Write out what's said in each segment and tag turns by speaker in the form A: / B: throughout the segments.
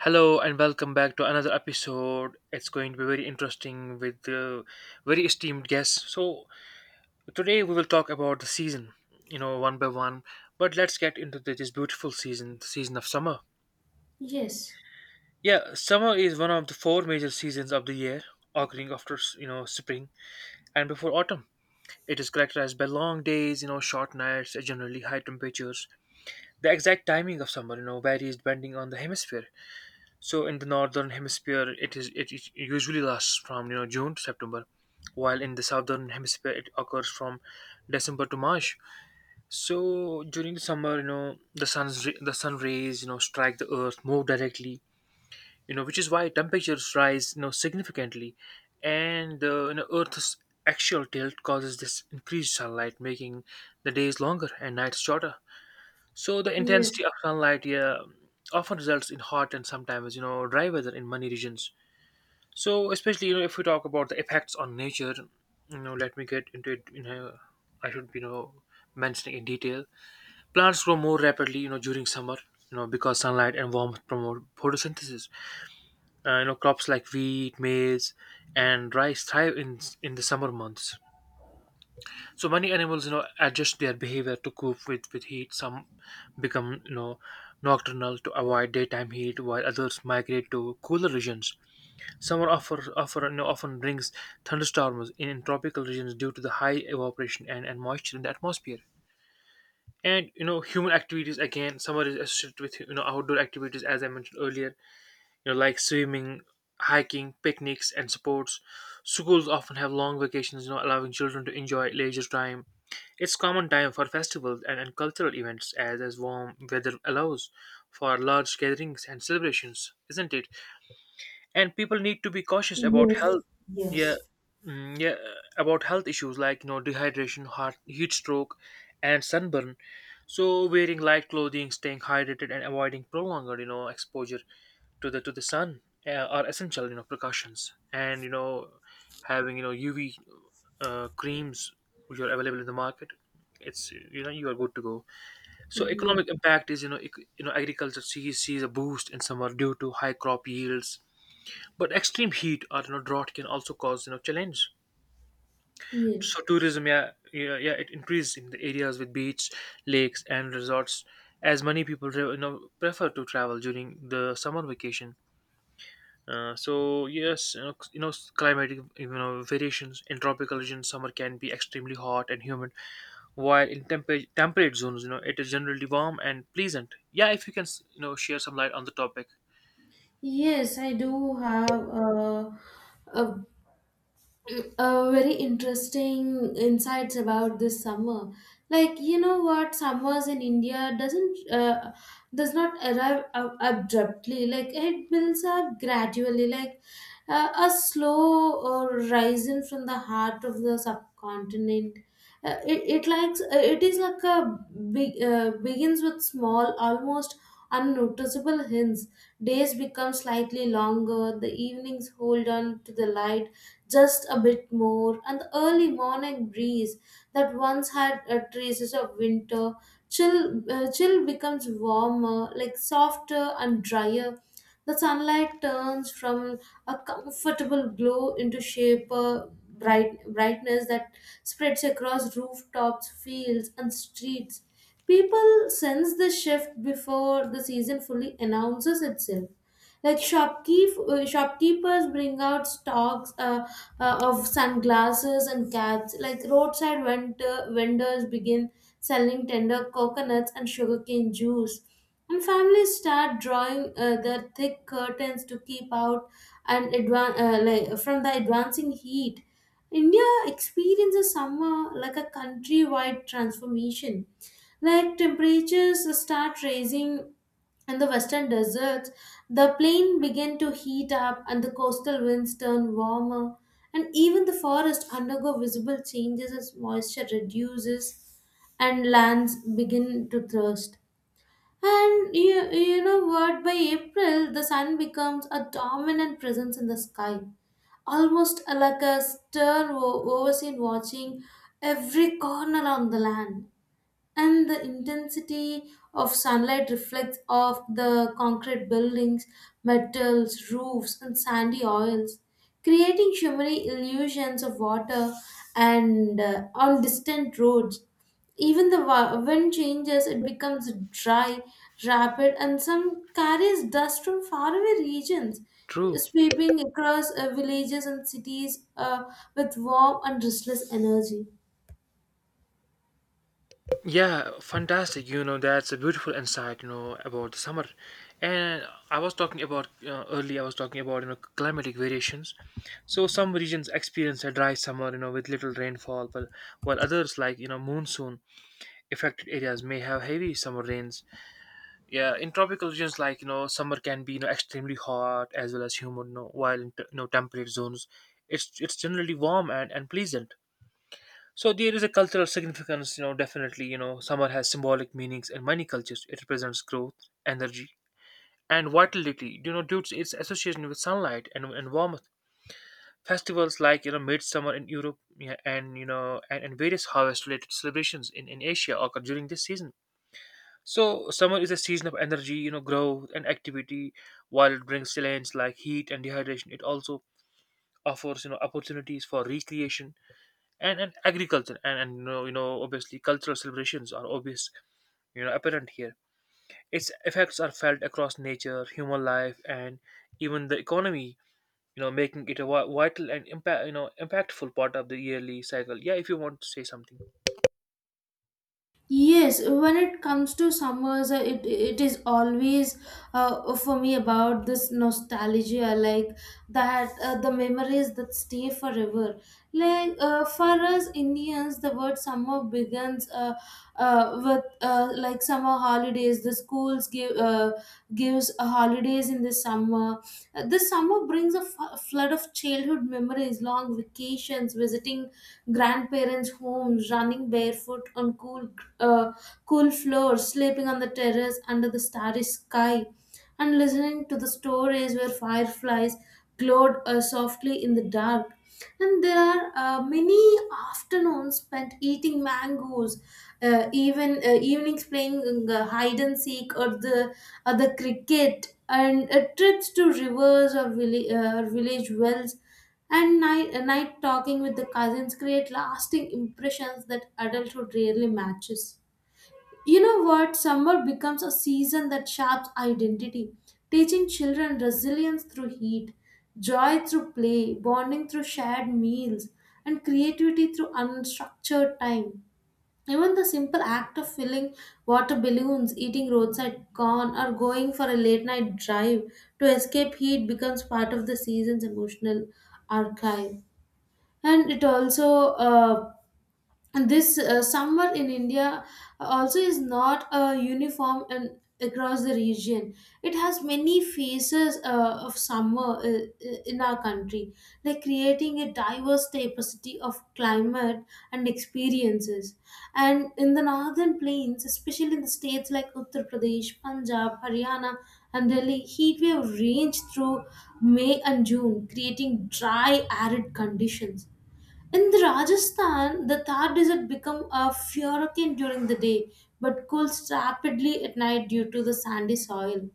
A: Hello and welcome back to another episode. It's going to be very interesting with very esteemed guests. So today we will talk about the season, one by one. But let's get into this beautiful season, the season of summer.
B: Yes.
A: Yeah, summer is one of the four major seasons of the year, occurring after spring and before autumn. It is characterized by long days, short nights, and generally high temperatures. The exact timing of summer, varies depending on the hemisphere. So in the northern hemisphere, it usually lasts from June to September, while in the southern hemisphere it occurs from December to March. So during the summer, the sun rays strike the earth more directly, which is why temperatures rise significantly, and the Earth's axial tilt causes this increased sunlight, making the days longer and nights shorter. So the
B: Yes,
A: intensity of sunlight, yeah, often results in hot and sometimes dry weather in many regions. So especially if we talk about the effects on nature, let me get into it. I should mentioning in detail. Plants grow more rapidly during summer, because sunlight and warmth promote photosynthesis. Crops like wheat, maize, and rice thrive in the summer months, so many animals, adjust their behavior to cope with heat. Some become, nocturnal to avoid daytime heat, while others migrate to cooler regions. Summer often brings thunderstorms in tropical regions due to the high evaporation and moisture in the atmosphere. Human activities, again, summer is associated with outdoor activities as I mentioned earlier, like swimming, hiking, picnics and sports. Schools often have long vacations, allowing children to enjoy leisure time. It's common time for festivals and cultural events as warm weather allows for large gatherings and celebrations, isn't it? And people need to be cautious about
B: yes,
A: health. Yeah,
B: Yes.
A: yeah, about health issues like dehydration, heat stroke, and sunburn. So wearing light clothing, staying hydrated, and avoiding prolonged exposure to the sun uh, are essential precautions, and having UV creams which are available in the market, it's you are good to go. So
B: yes,
A: economic impact is, agriculture sees a boost in summer due to high crop yields, but extreme heat or drought can also cause challenge.
B: yes.
A: So tourism, yeah, yeah, yeah, it increases in the areas with beach, lakes and resorts, as many people prefer to travel during the summer vacation. So yes, climatic variations in tropical regions, summer can be extremely hot and humid, while in temperate zones, it is generally warm and pleasant. Yeah, if you can, share some light on the topic.
B: Yes, I do have a very interesting insights about this summer, like you know what, summers in India does not arrive abruptly, like it builds up gradually, like a slow uh, rising from the heart of the subcontinent. It is like a big begins with small, almost unnoticeable hints. Days become slightly longer, the evenings hold on to the light just a bit more, and the early morning breeze that once had traces of winter chill, becomes warmer, like softer and drier. The sunlight turns from a comfortable glow into shaper bright brightness that spreads across rooftops, fields, and streets. People sense the shift before the season fully announces itself. Like shopkeepers bring out stocks of sunglasses and caps. Like roadside vendors begin selling tender coconuts and sugarcane juice. And families start drawing their thick curtains to keep out from the advancing heat. India experiences summer like a countrywide transformation. Like temperatures start rising in the western deserts, the plain began to heat up and the coastal winds turn warmer, and even the forests undergo visible changes as moisture reduces and lands begin to thirst. And you know what? By April, the sun becomes a dominant presence in the sky, almost like a stern overseer watching every corner on the land. And the intensity of sunlight reflects off the concrete buildings, metals, roofs, and sandy oils, creating shimmery illusions of water and on distant roads. Even the wind changes, it becomes dry, rapid, and some carries dust from faraway regions,
A: True.
B: sweeping across villages and cities with warm and restless energy.
A: Yeah, fantastic. That's a beautiful insight, about the summer. And I was talking about, climatic variations. So some regions experience a dry summer, with little rainfall, but while others, like, monsoon affected areas may have heavy summer rains. Yeah, in tropical regions, like summer can be extremely hot as well as humid. No, while in temperate zones, it's generally warm and pleasant. So there is a cultural significance. Definitely, summer has symbolic meanings in many cultures. It represents growth, energy, and vitality, due to its association with sunlight and warmth. Festivals like midsummer in Europe, yeah, and and various harvest related celebrations in Asia occur during this season. So summer is a season of energy, growth and activity. While it brings challenges like heat and dehydration, it also offers opportunities for recreation and agriculture, and obviously cultural celebrations are obvious you know apparent here. Its effects are felt across nature, human life, and even the economy, making it a vital and impactful part of the yearly cycle. Yeah, if you want to say something.
B: Yes, when it comes to summers, it it is always for me about this nostalgia, like that the memories that stay forever. Like for us Indians, the word summer begins with like summer holidays. The schools gives holidays in the summer. This summer brings a flood of childhood memories, long vacations, visiting grandparents' homes, running barefoot on uh, cool floor, sleeping on the terrace under the starry sky, and listening to the stories where fireflies glowed softly in the dark. And there are many afternoons spent eating mangoes, even evenings playing hide and seek or the cricket, and trips to rivers, or village wells and night talking with the cousins create lasting impressions that adulthood rarely matches. You know what? Summer becomes a season that shapes identity, teaching children resilience through heat, joy through play, bonding through shared meals, and creativity through unstructured time. Even the simple act of filling water balloons, eating roadside corn, or going for a late night drive to escape heat becomes part of the season's emotional archive. And it also uh, and this summer in India also is not uniform and across the region. It has many phases of summer in our country, like creating a diverse diversity of climate and experiences. And in the northern plains, especially in the states like Uttar Pradesh, Punjab, Haryana, and Delhi, heat wave range through May and June, creating dry, arid conditions in the Rajasthan, the Thar Desert become a hurricane during the day, but cools rapidly at night due to the sandy soil.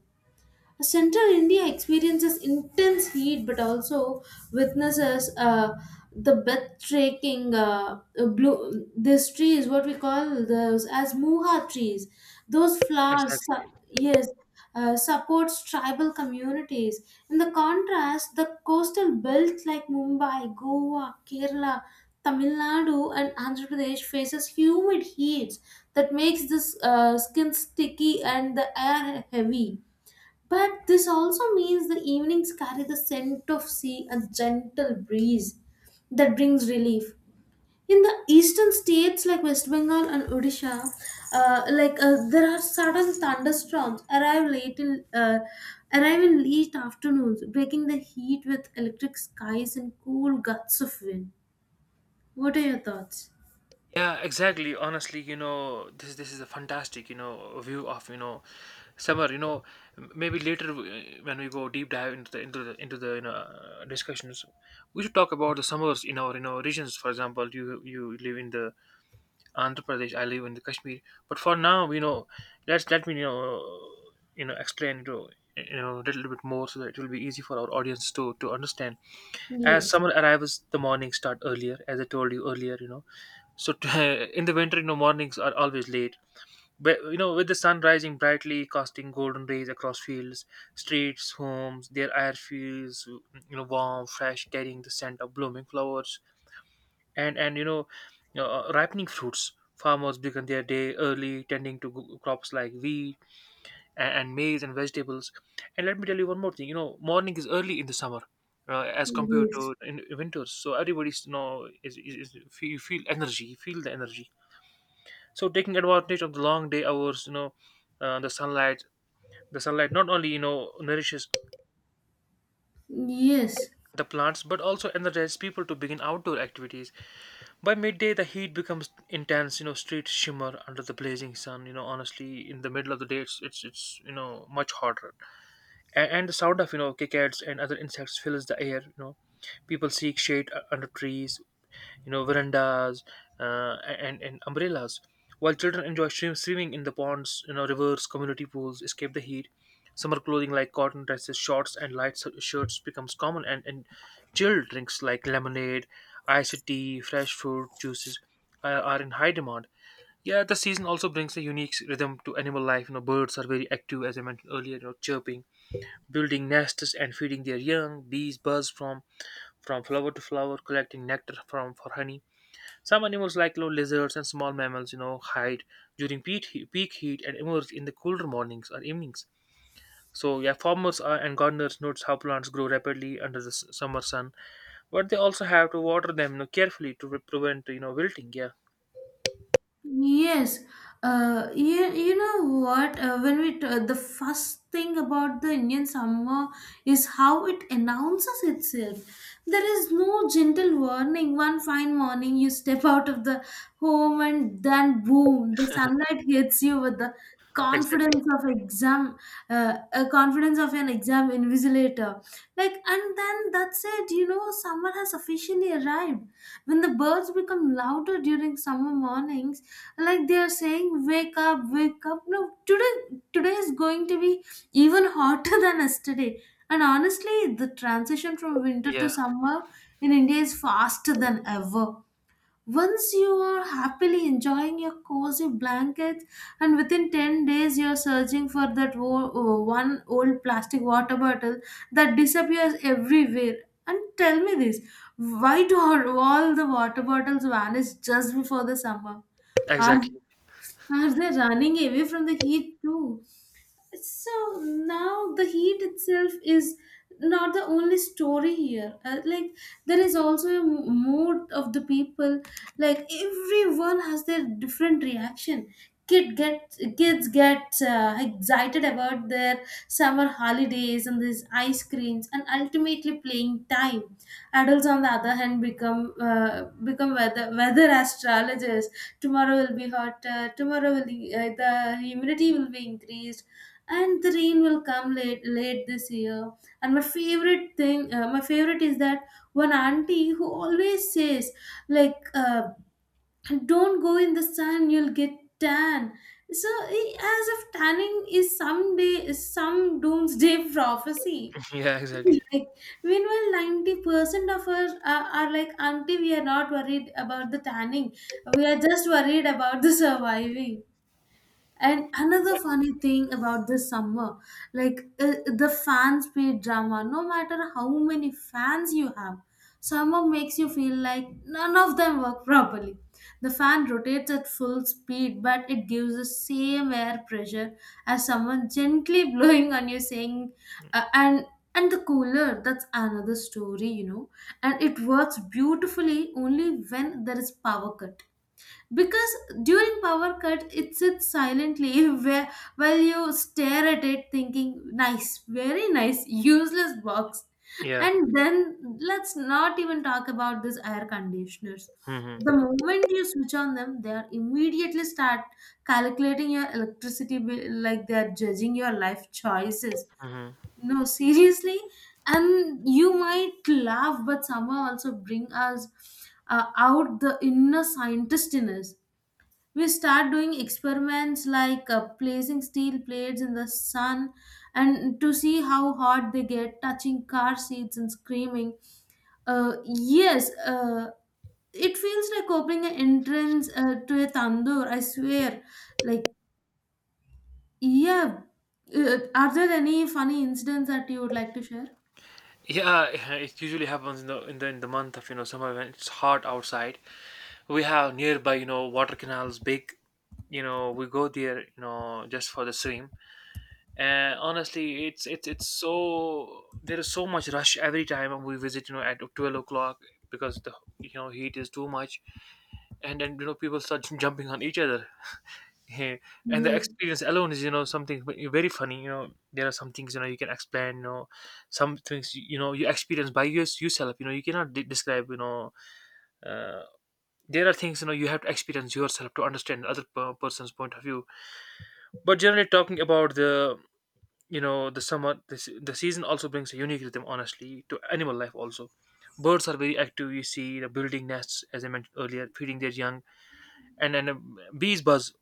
B: Central India experiences intense heat but also witnesses the breathtaking blue. This tree is what we call those as muha trees. Those flowers,
A: Exactly.
B: yes, supports tribal communities. In the contrast, the coastal belts like Mumbai, Goa, Kerala, Tamil Nadu, and Andhra Pradesh faces humid heats that makes this skin sticky and the air heavy. But this also means the evenings carry the scent of sea, and gentle breeze that brings relief. In the eastern states like West Bengal and Odisha, there are sudden thunderstorms arrive in late afternoons, breaking the heat with electric skies and cool gusts of wind. What are your thoughts?
A: Yeah, exactly. Honestly, this is a fantastic, view of, summer. Maybe later, when we go deep dive into the discussions, we should talk about the summers in our, regions. For example, you live in the Andhra Pradesh, I live in the Kashmir. But for now, let me explain, a little bit more, so that it will be easy for our audience to understand. As
B: Yes,
A: summer arrives, the mornings start earlier, as I told you earlier. In the winter, mornings are always late. But you know, with the sun rising brightly, casting golden rays across fields, streets, homes, their air feels warm, fresh, carrying the scent of blooming flowers and ripening fruits. Farmers begin their day early, tending to crops like wheat and maize and vegetables. And let me tell you one more thing. Morning is early in the summer. As compared
B: yes,
A: to in winters, so everybody's you know is you feel energy, you feel the energy, so taking advantage of the long day hours, the sunlight not only nourishes
B: yes.
A: the plants but also energizes people to begin outdoor activities. By midday the heat becomes intense. Streets shimmer under the blazing sun. Honestly, in the middle of the day it's much hotter, and the sound of cicadas and other insects fills the air. People seek shade under trees, verandas, and umbrellas, while children enjoy swimming in the ponds, rivers, community pools, escape the heat. Summer clothing like cotton dresses, shorts and light shirts becomes common, and chilled drinks like lemonade, iced tea, fresh fruit juices are in high demand. Yeah, the season also brings a unique rhythm to animal life. Birds are very active, as I mentioned earlier, chirping, building nests and feeding their young. Bees buzz from flower to flower, collecting nectar from for honey. Some animals, like lizards and small mammals, hide during peak heat and emerge in the cooler mornings or evenings. So, yeah, farmers, and gardeners, notice how plants grow rapidly under the summer sun, but they also have to water them, carefully, to prevent, wilting. Yeah,
B: Yes, you, you know what? The first thing about the Indian summer is how it announces itself. There is no gentle warning. One fine morning, you step out of the home, and then boom, the sunlight hits you with the
A: exactly.
B: confidence of exam, a confidence of an exam invigilator. Like, and then that's it. You know, summer has officially arrived when the birds become louder during summer mornings, like they are saying, "Wake up, wake up! No, today is going to be even hotter than yesterday." And honestly, the transition from winter to
A: Yeah,
B: summer in India is faster than ever. Once you are happily enjoying your cozy blankets, and within 10 days, you're searching for that one old plastic water bottle that disappears everywhere. And tell me this, why do all the water bottles vanish just before the summer? Are,
A: exactly.
B: are they running away from the heat too? So now the heat itself is not the only story here, like there is also a mood of the people, like everyone has their different reaction. Kids get excited about their summer holidays and these ice creams and ultimately playing time. Adults on the other hand become weather astrologers. Tomorrow will be hotter, tomorrow will be, the humidity will be increased and the rain will come late this year. And my favorite thing my favorite is that one auntie who always says, like "Don't go in the sun, you'll get tan." So as if tanning is someday is some doomsday prophecy.
A: Yeah, exactly.
B: Like meanwhile 90% of us are like, "Auntie, we are not worried about the tanning, we are just worried about the surviving." And another funny thing about this summer, like the fans paid drama. No matter how many fans you have, summer makes you feel like none of them work properly. The fan rotates at full speed, but it gives the same air pressure as someone gently blowing on you, saying, uh, and and the cooler. That's another story, you know. And it works beautifully only when there is power cut, because during power cut it sits silently where while you stare at it thinking, "Nice, very nice, useless box."
A: Yeah.
B: And then let's not even talk about these air conditioners.
A: Hmm.
B: The moment you switch on them, they are immediately start calculating your electricity bill like they are judging your life choices.
A: Hmm.
B: No, seriously. And you might laugh, but somehow also bring us out the inner scientist in us. We start doing experiments like placing steel plates in the sun and to see how hot they get, touching car seats and screaming, uh, yes uh, it feels like opening an entrance to a tandoor, I swear. Like, yeah, are there any funny incidents that you would like to share?
A: Yeah, it usually happens in the month of summer, when it's hot outside. We have nearby, water canals, big, we go there, just for the swim. And honestly, it's so there is so much rush every time we visit, at 12 o'clock, because the heat is too much. And then people start jumping on each other. Yeah. And the
B: Yes.
A: experience alone is something very funny. There are some things you can explain. Some things you experience by yourself. You cannot describe. You know uh, there are things you have to experience yourself to understand other person's point of view. But generally, talking about the, the summer, the season also brings a unique rhythm, honestly, to animal life also. Birds are very active, you see, the building nests as I mentioned earlier, feeding their young. And bees buzz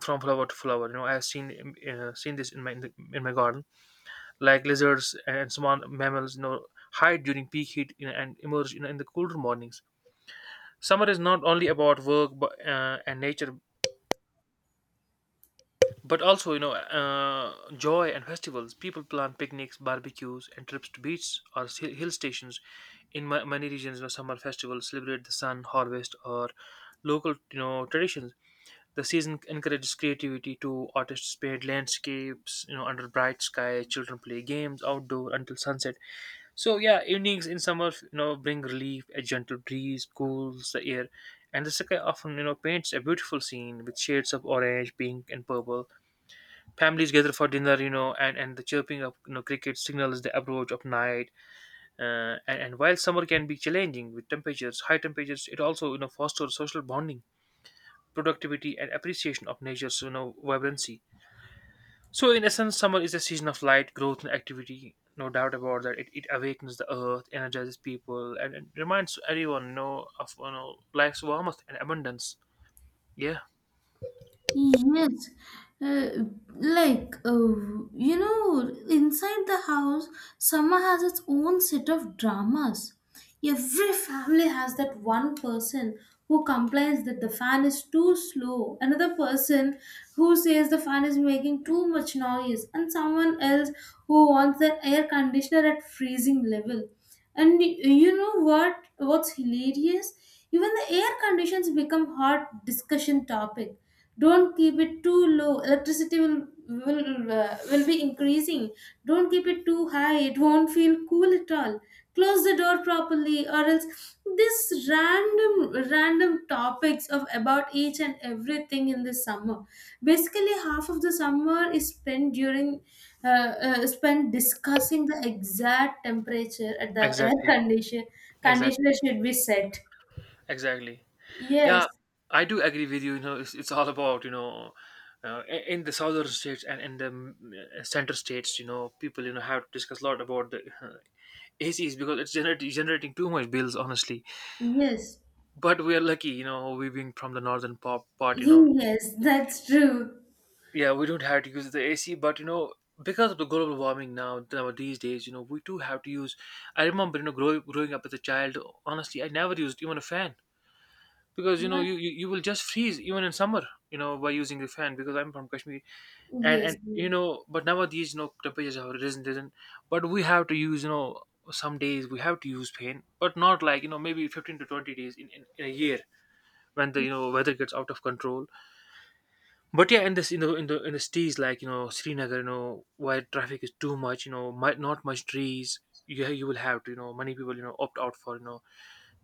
A: from flower to flower. I have seen this in my in my garden. Like lizards and small mammals, hide during peak heat, and emerge, in the cooler mornings. Summer is not only about work, but, and nature, but also, joy and festivals. People plan picnics, barbecues, and trips to beaches or hill stations. In many regions, summer festivals celebrate the sun, harvest, or local, traditions. The season encourages creativity too. Artists paint landscapes, under bright sky. Children play games outdoor until sunset. So yeah, evenings in summer, bring relief. A gentle breeze cools the air, and the sky often, paints a beautiful scene with shades of orange, pink, and purple. Families gather for dinner, and the chirping of cricket signals the approach of night. And while summer can be challenging with temperatures, high temperatures, it also fosters social bonding, productivity, and appreciation of nature's vibrancy. So in essence, summer is a season of light, growth, and activity. No doubt about that. It awakens the earth, energizes people, and reminds everyone, of life's warmth and abundance. Yeah,
B: Yes, uh, you know, inside the house, summer has its own set of dramas. Every family has that one person who complains that the fan is too slow, another person who says the fan is making too much noise, and someone else who wants the air conditioner at freezing level. And you know what? What's hilarious? Even the air conditions become hot discussion topic. Don't keep it too low, electricity will be increasing. Don't keep it too high, it won't feel cool at all. Close the door properly, or else. This random topics of about each and everything in the summer. Basically half of the summer is spent during spent discussing the exact temperature at the air
A: exactly,
B: condition
A: exactly,
B: conditioner should be set.
A: exactly.
B: Yes.
A: Yeah, I do agree with you. It's all about, in the southern states and in the center states, people have to discuss a lot about the ACs, because it's generating too much bills, honestly.
B: Yes.
A: But we are lucky, we being from the northern pop part,
B: Yes, that's true.
A: yeah, we don't have to use the AC, but. Because of the global warming now these days, we do have to use. I remember, growing up as a child. Honestly, I never used even a fan. Because
B: What?
A: you will just freeze even in summer by using the fan, because I'm from Kashmir. and
B: Yes.
A: and you know but nowadays, temperatures have risen, but we have to use. Some days we have to use fan, but not like maybe 15 to 20 days in a year, when the weather gets out of control. But yeah, in the cities like Srinagar, where traffic is too much, might not much trees. You will have to, many people opt out for you know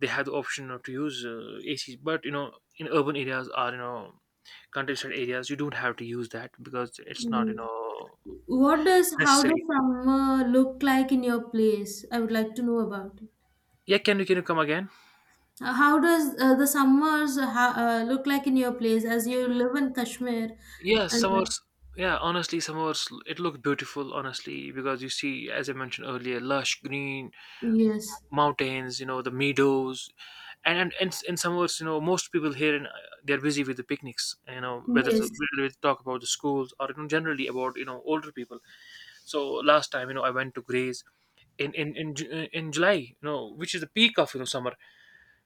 A: they have the option not to use ACs. But, in urban areas or countryside areas, you don't have to use that because it's not
B: Mm. What does, how does
A: necessary.
B: summer look like in your place? I would like to know about it.
A: Yeah, can you come again?
B: How does the summers look like in your place, as you live in Kashmir?
A: Yeah,
B: And
A: summers. Yeah, honestly, summers it looked beautiful. Honestly, because you see, as I mentioned earlier, lush green
B: yes,
A: mountains. The meadows, and in summers, most people here they're busy with the picnics. You know, whether to,
B: yes,
A: whether to talk about the schools or, generally about older people. So last time, I went to Grays in July, which is the peak of summer.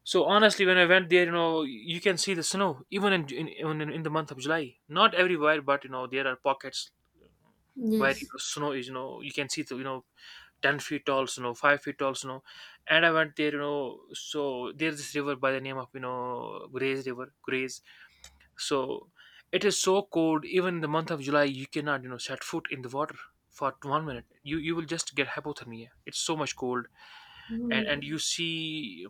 A: So honestly, when I went there, you can see the snow even in the month of July. Not everywhere, but there are pockets where,
B: yes,
A: snow is. You can see the 10 feet tall snow, 5 feet tall snow. And I went there, so there's this river by the name of Grays River, Grays. So it is so cold. Even in the month of July, you cannot set foot in the water for 1 minute. You will just get hypothermia. It's so much cold. And
B: Mm.
A: you see,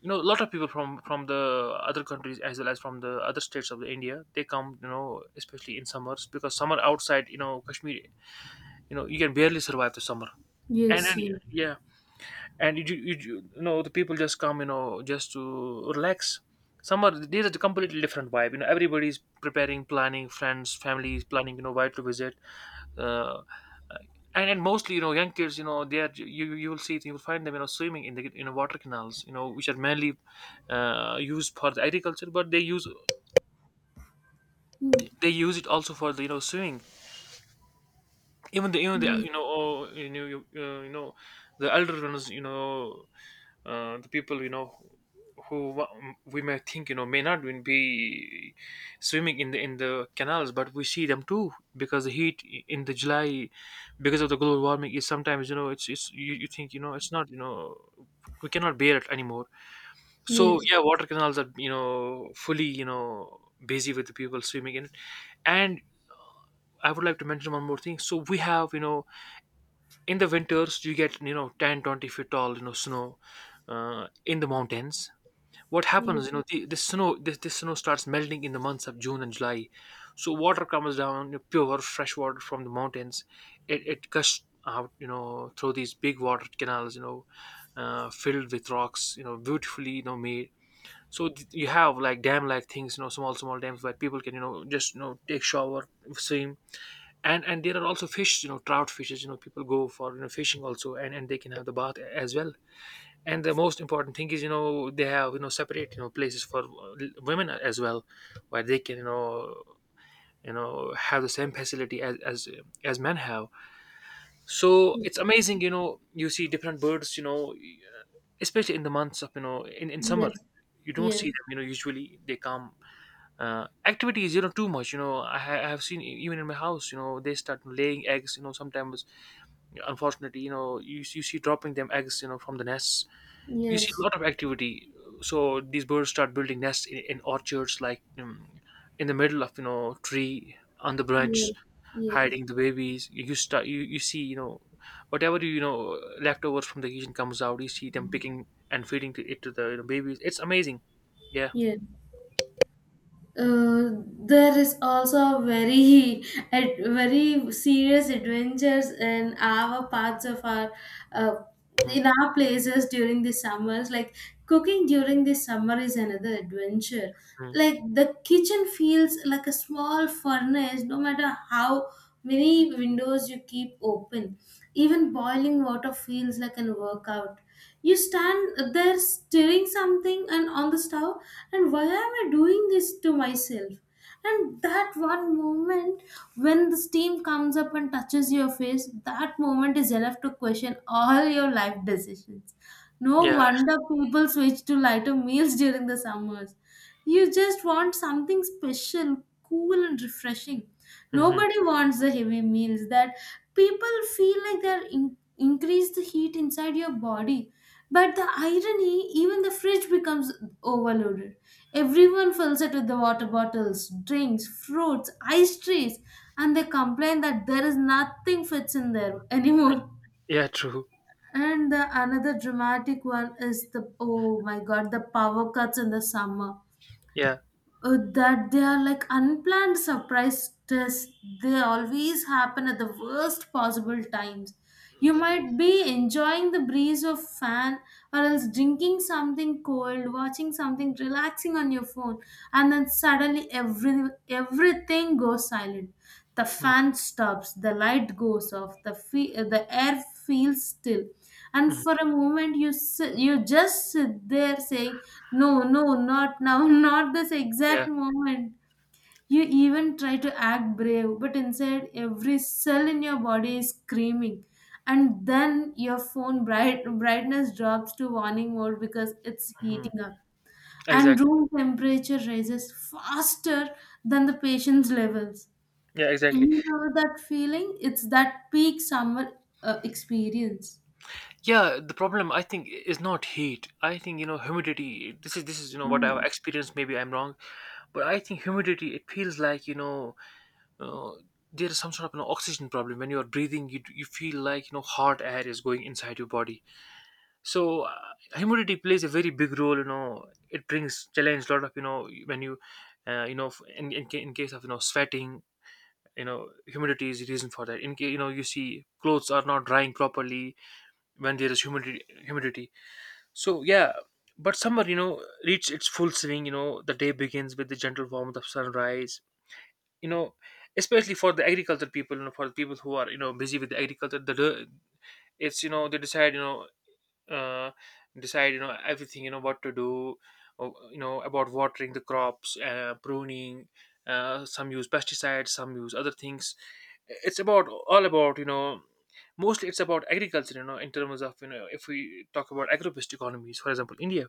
A: a lot of people from the other countries, as well as from the other states of the India. They come, especially in summers, because summer outside, Kashmir, you can barely survive the summer. And
B: yes, yes,
A: yeah, and you, ju- you, ju- you know the people just come, just to relax. Some are these are the completely different vibe, everybody's preparing, planning, friends, families planning, where to visit. Uh, uh, and and mostly, young kids, they are you you will see you will find them, swimming in the water canals, which are mainly used for the agriculture, but they use
B: Mm,
A: they use it also for the swimming. Even the
B: mm.
A: you know oh, you know you, you know the elder ones, the people, who wa- we may think, may not even be swimming in the canals, but we see them too, because the heat in the July, because of the global warming, is sometimes, it's, you think, it's not, we cannot bear it anymore. So
B: yes,
A: yeah, water canals are, fully, busy with the people swimming in it. And I would like to mention one more thing. So we have, in the winters, you get, 10-20 feet tall, snow, in the mountains. What
B: yes,
A: happens, this snow starts melting in the months of June and July. So water comes down, pure fresh water from the mountains. It gushes out, through these big water canals, filled with rocks, beautifully, made. So, you have like dam like things, small dams where people can, just, take shower, swim. And there are also fish, trout fishes, people go for, fishing also, and they can have the bath as well. And the most important thing is, they have, separate, places for, women as well, where they can, have the same facility as men have. So it's amazing, you see different birds, especially in the months of, in summer.
B: yes,
A: You don't
B: yes,
A: see them, usually they come, activities, too much, I have seen, even in my house, they start laying eggs, sometimes. Unfortunately, you see dropping them eggs, from the nests. You see a
B: yes,
A: lot of activity. So these birds start building nests in orchards, like in the middle of, tree on the
B: yes,
A: branch,
B: yes.
A: hiding the babies. You see, whatever, leftovers from the kitchen comes out, you see them picking and feeding to the, babies. It's amazing. Yeah.
B: yes. There is also a very very serious adventures in our parts of our uh,
A: Mm.
B: in our places during the summers. Like cooking during the summer is another adventure.
A: Mm.
B: Like the kitchen feels like a small furnace no matter how many windows you keep open. Even boiling water feels like an workout. You stand there stirring something and on the stove, and why am I doing this to myself? And that one moment, when the steam comes up and touches your face, that moment is enough to question all your life decisions. No
A: Yeah.
B: wonder people switch to lighter meals during the summers. You just want something special, cool and refreshing.
A: Hmm.
B: Nobody wants the heavy meals that people feel like they're increase the heat inside your body. But the irony, even the fridge becomes overloaded. Everyone fills it with the water bottles, drinks, fruits, ice trees, and they complain that there is nothing fits in there anymore.
A: Yeah, true.
B: And the another dramatic one is the, oh my god, the power cuts in the summer,
A: Yeah.
B: that they are like unplanned surprise tests. They always happen at the worst possible times. You might be enjoying the breeze of fan or else drinking something cold, watching something relaxing on your phone, and then suddenly everything goes silent. The
A: Mm.
B: fan stops, the light goes off, the air feels still, and
A: Mm.
B: for a moment you just sit there saying, "No, no not now, not this
A: Yeah.
B: exact moment." You even try to act brave, but inside every cell in your body is screaming. And then your phone brightness drops to warning mode because it's
A: Hmm.
B: heating up and
A: Exactly.
B: room temperature rises faster than the patient's levels.
A: Yeah, exactly.
B: You know that feeling, it's that peak summer experience.
A: Yeah, the problem I think is not heat. I think, humidity. This is, what I've
B: Mm.
A: experienced. Maybe I'm wrong, but I think humidity. It feels like, uh, there is some sort of, oxygen problem when you are breathing. You feel like, hot air is going inside your body. So, humidity plays a very big role. It brings challenge a lot of, when you, you know in case of, sweating. Humidity is the reason for that. In case, you see clothes are not drying properly when there is humidity. Humidity, so yeah, but summer, reached its full swing. The day begins with the gentle warmth of sunrise. You know, especially for the agriculture people, for the people who are, busy with the agriculture, it's, they decide, uh, decide, everything, what to do. Or, about watering the crops, pruning. Some use pesticides, some use other things. It's about all about, mostly it's about agriculture. In terms of, if we talk about agro-based economies, for example, India.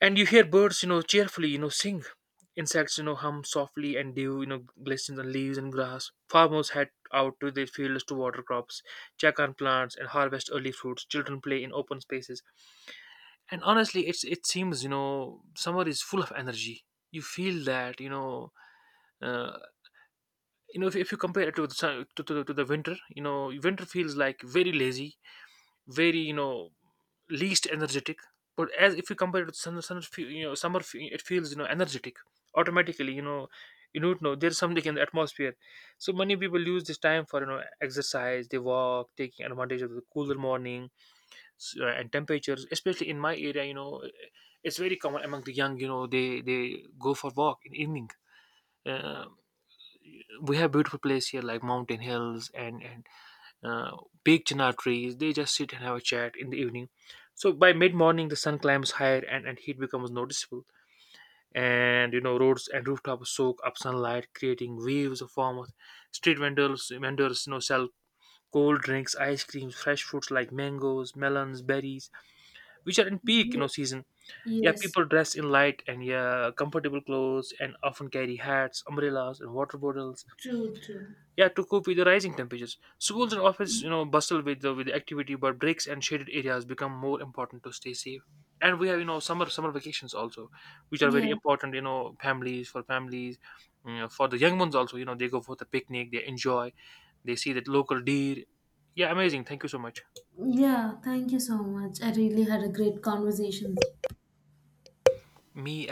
A: And you hear birds, cheerfully, sing. Insects, hum softly, and dew, glistens on leaves and grass. Farmers head out to their fields to water crops, check on plants, and harvest early fruits. Children play in open spaces. And honestly, it seems, summer is full of energy. You feel that, uh, if you compare it to the sun, to the winter, winter feels like very lazy, very, least energetic. But as if you compare it with summer, it feels, energetic, automatically, you don't know, there's something in the atmosphere. So many people use this time for, exercise. They walk, taking advantage of the cooler morning, and temperatures, especially in my area, it's very common among the young, they go for walk in evening. Uh, we have beautiful place here, like mountain hills, and uh, big chinar trees. They just sit and have a chat in the evening. So by mid morning, the sun climbs higher, and heat becomes noticeable. And, roads and rooftops soak up sunlight, creating waves of warmth. Street vendors, sell cold drinks, ice creams, fresh fruits like mangoes, melons, berries, which are in peak,
B: Yes.
A: season. Yeah,
B: Yes.
A: people dress in light and, yeah, comfortable clothes, and often carry hats, umbrellas, and water bottles,
B: True, true.
A: yeah, to cope with the rising temperatures. Schools and office, bustle with the activity, but breaks and shaded areas become more important to stay safe. And we have, summer vacations also, which are very
B: Yeah.
A: important, families for families, for the young ones also, they go for the picnic, they enjoy. They see that local deer. Yeah, amazing. Thank you so much.
B: Yeah. Thank you so much. I really had a great conversation.
A: Me.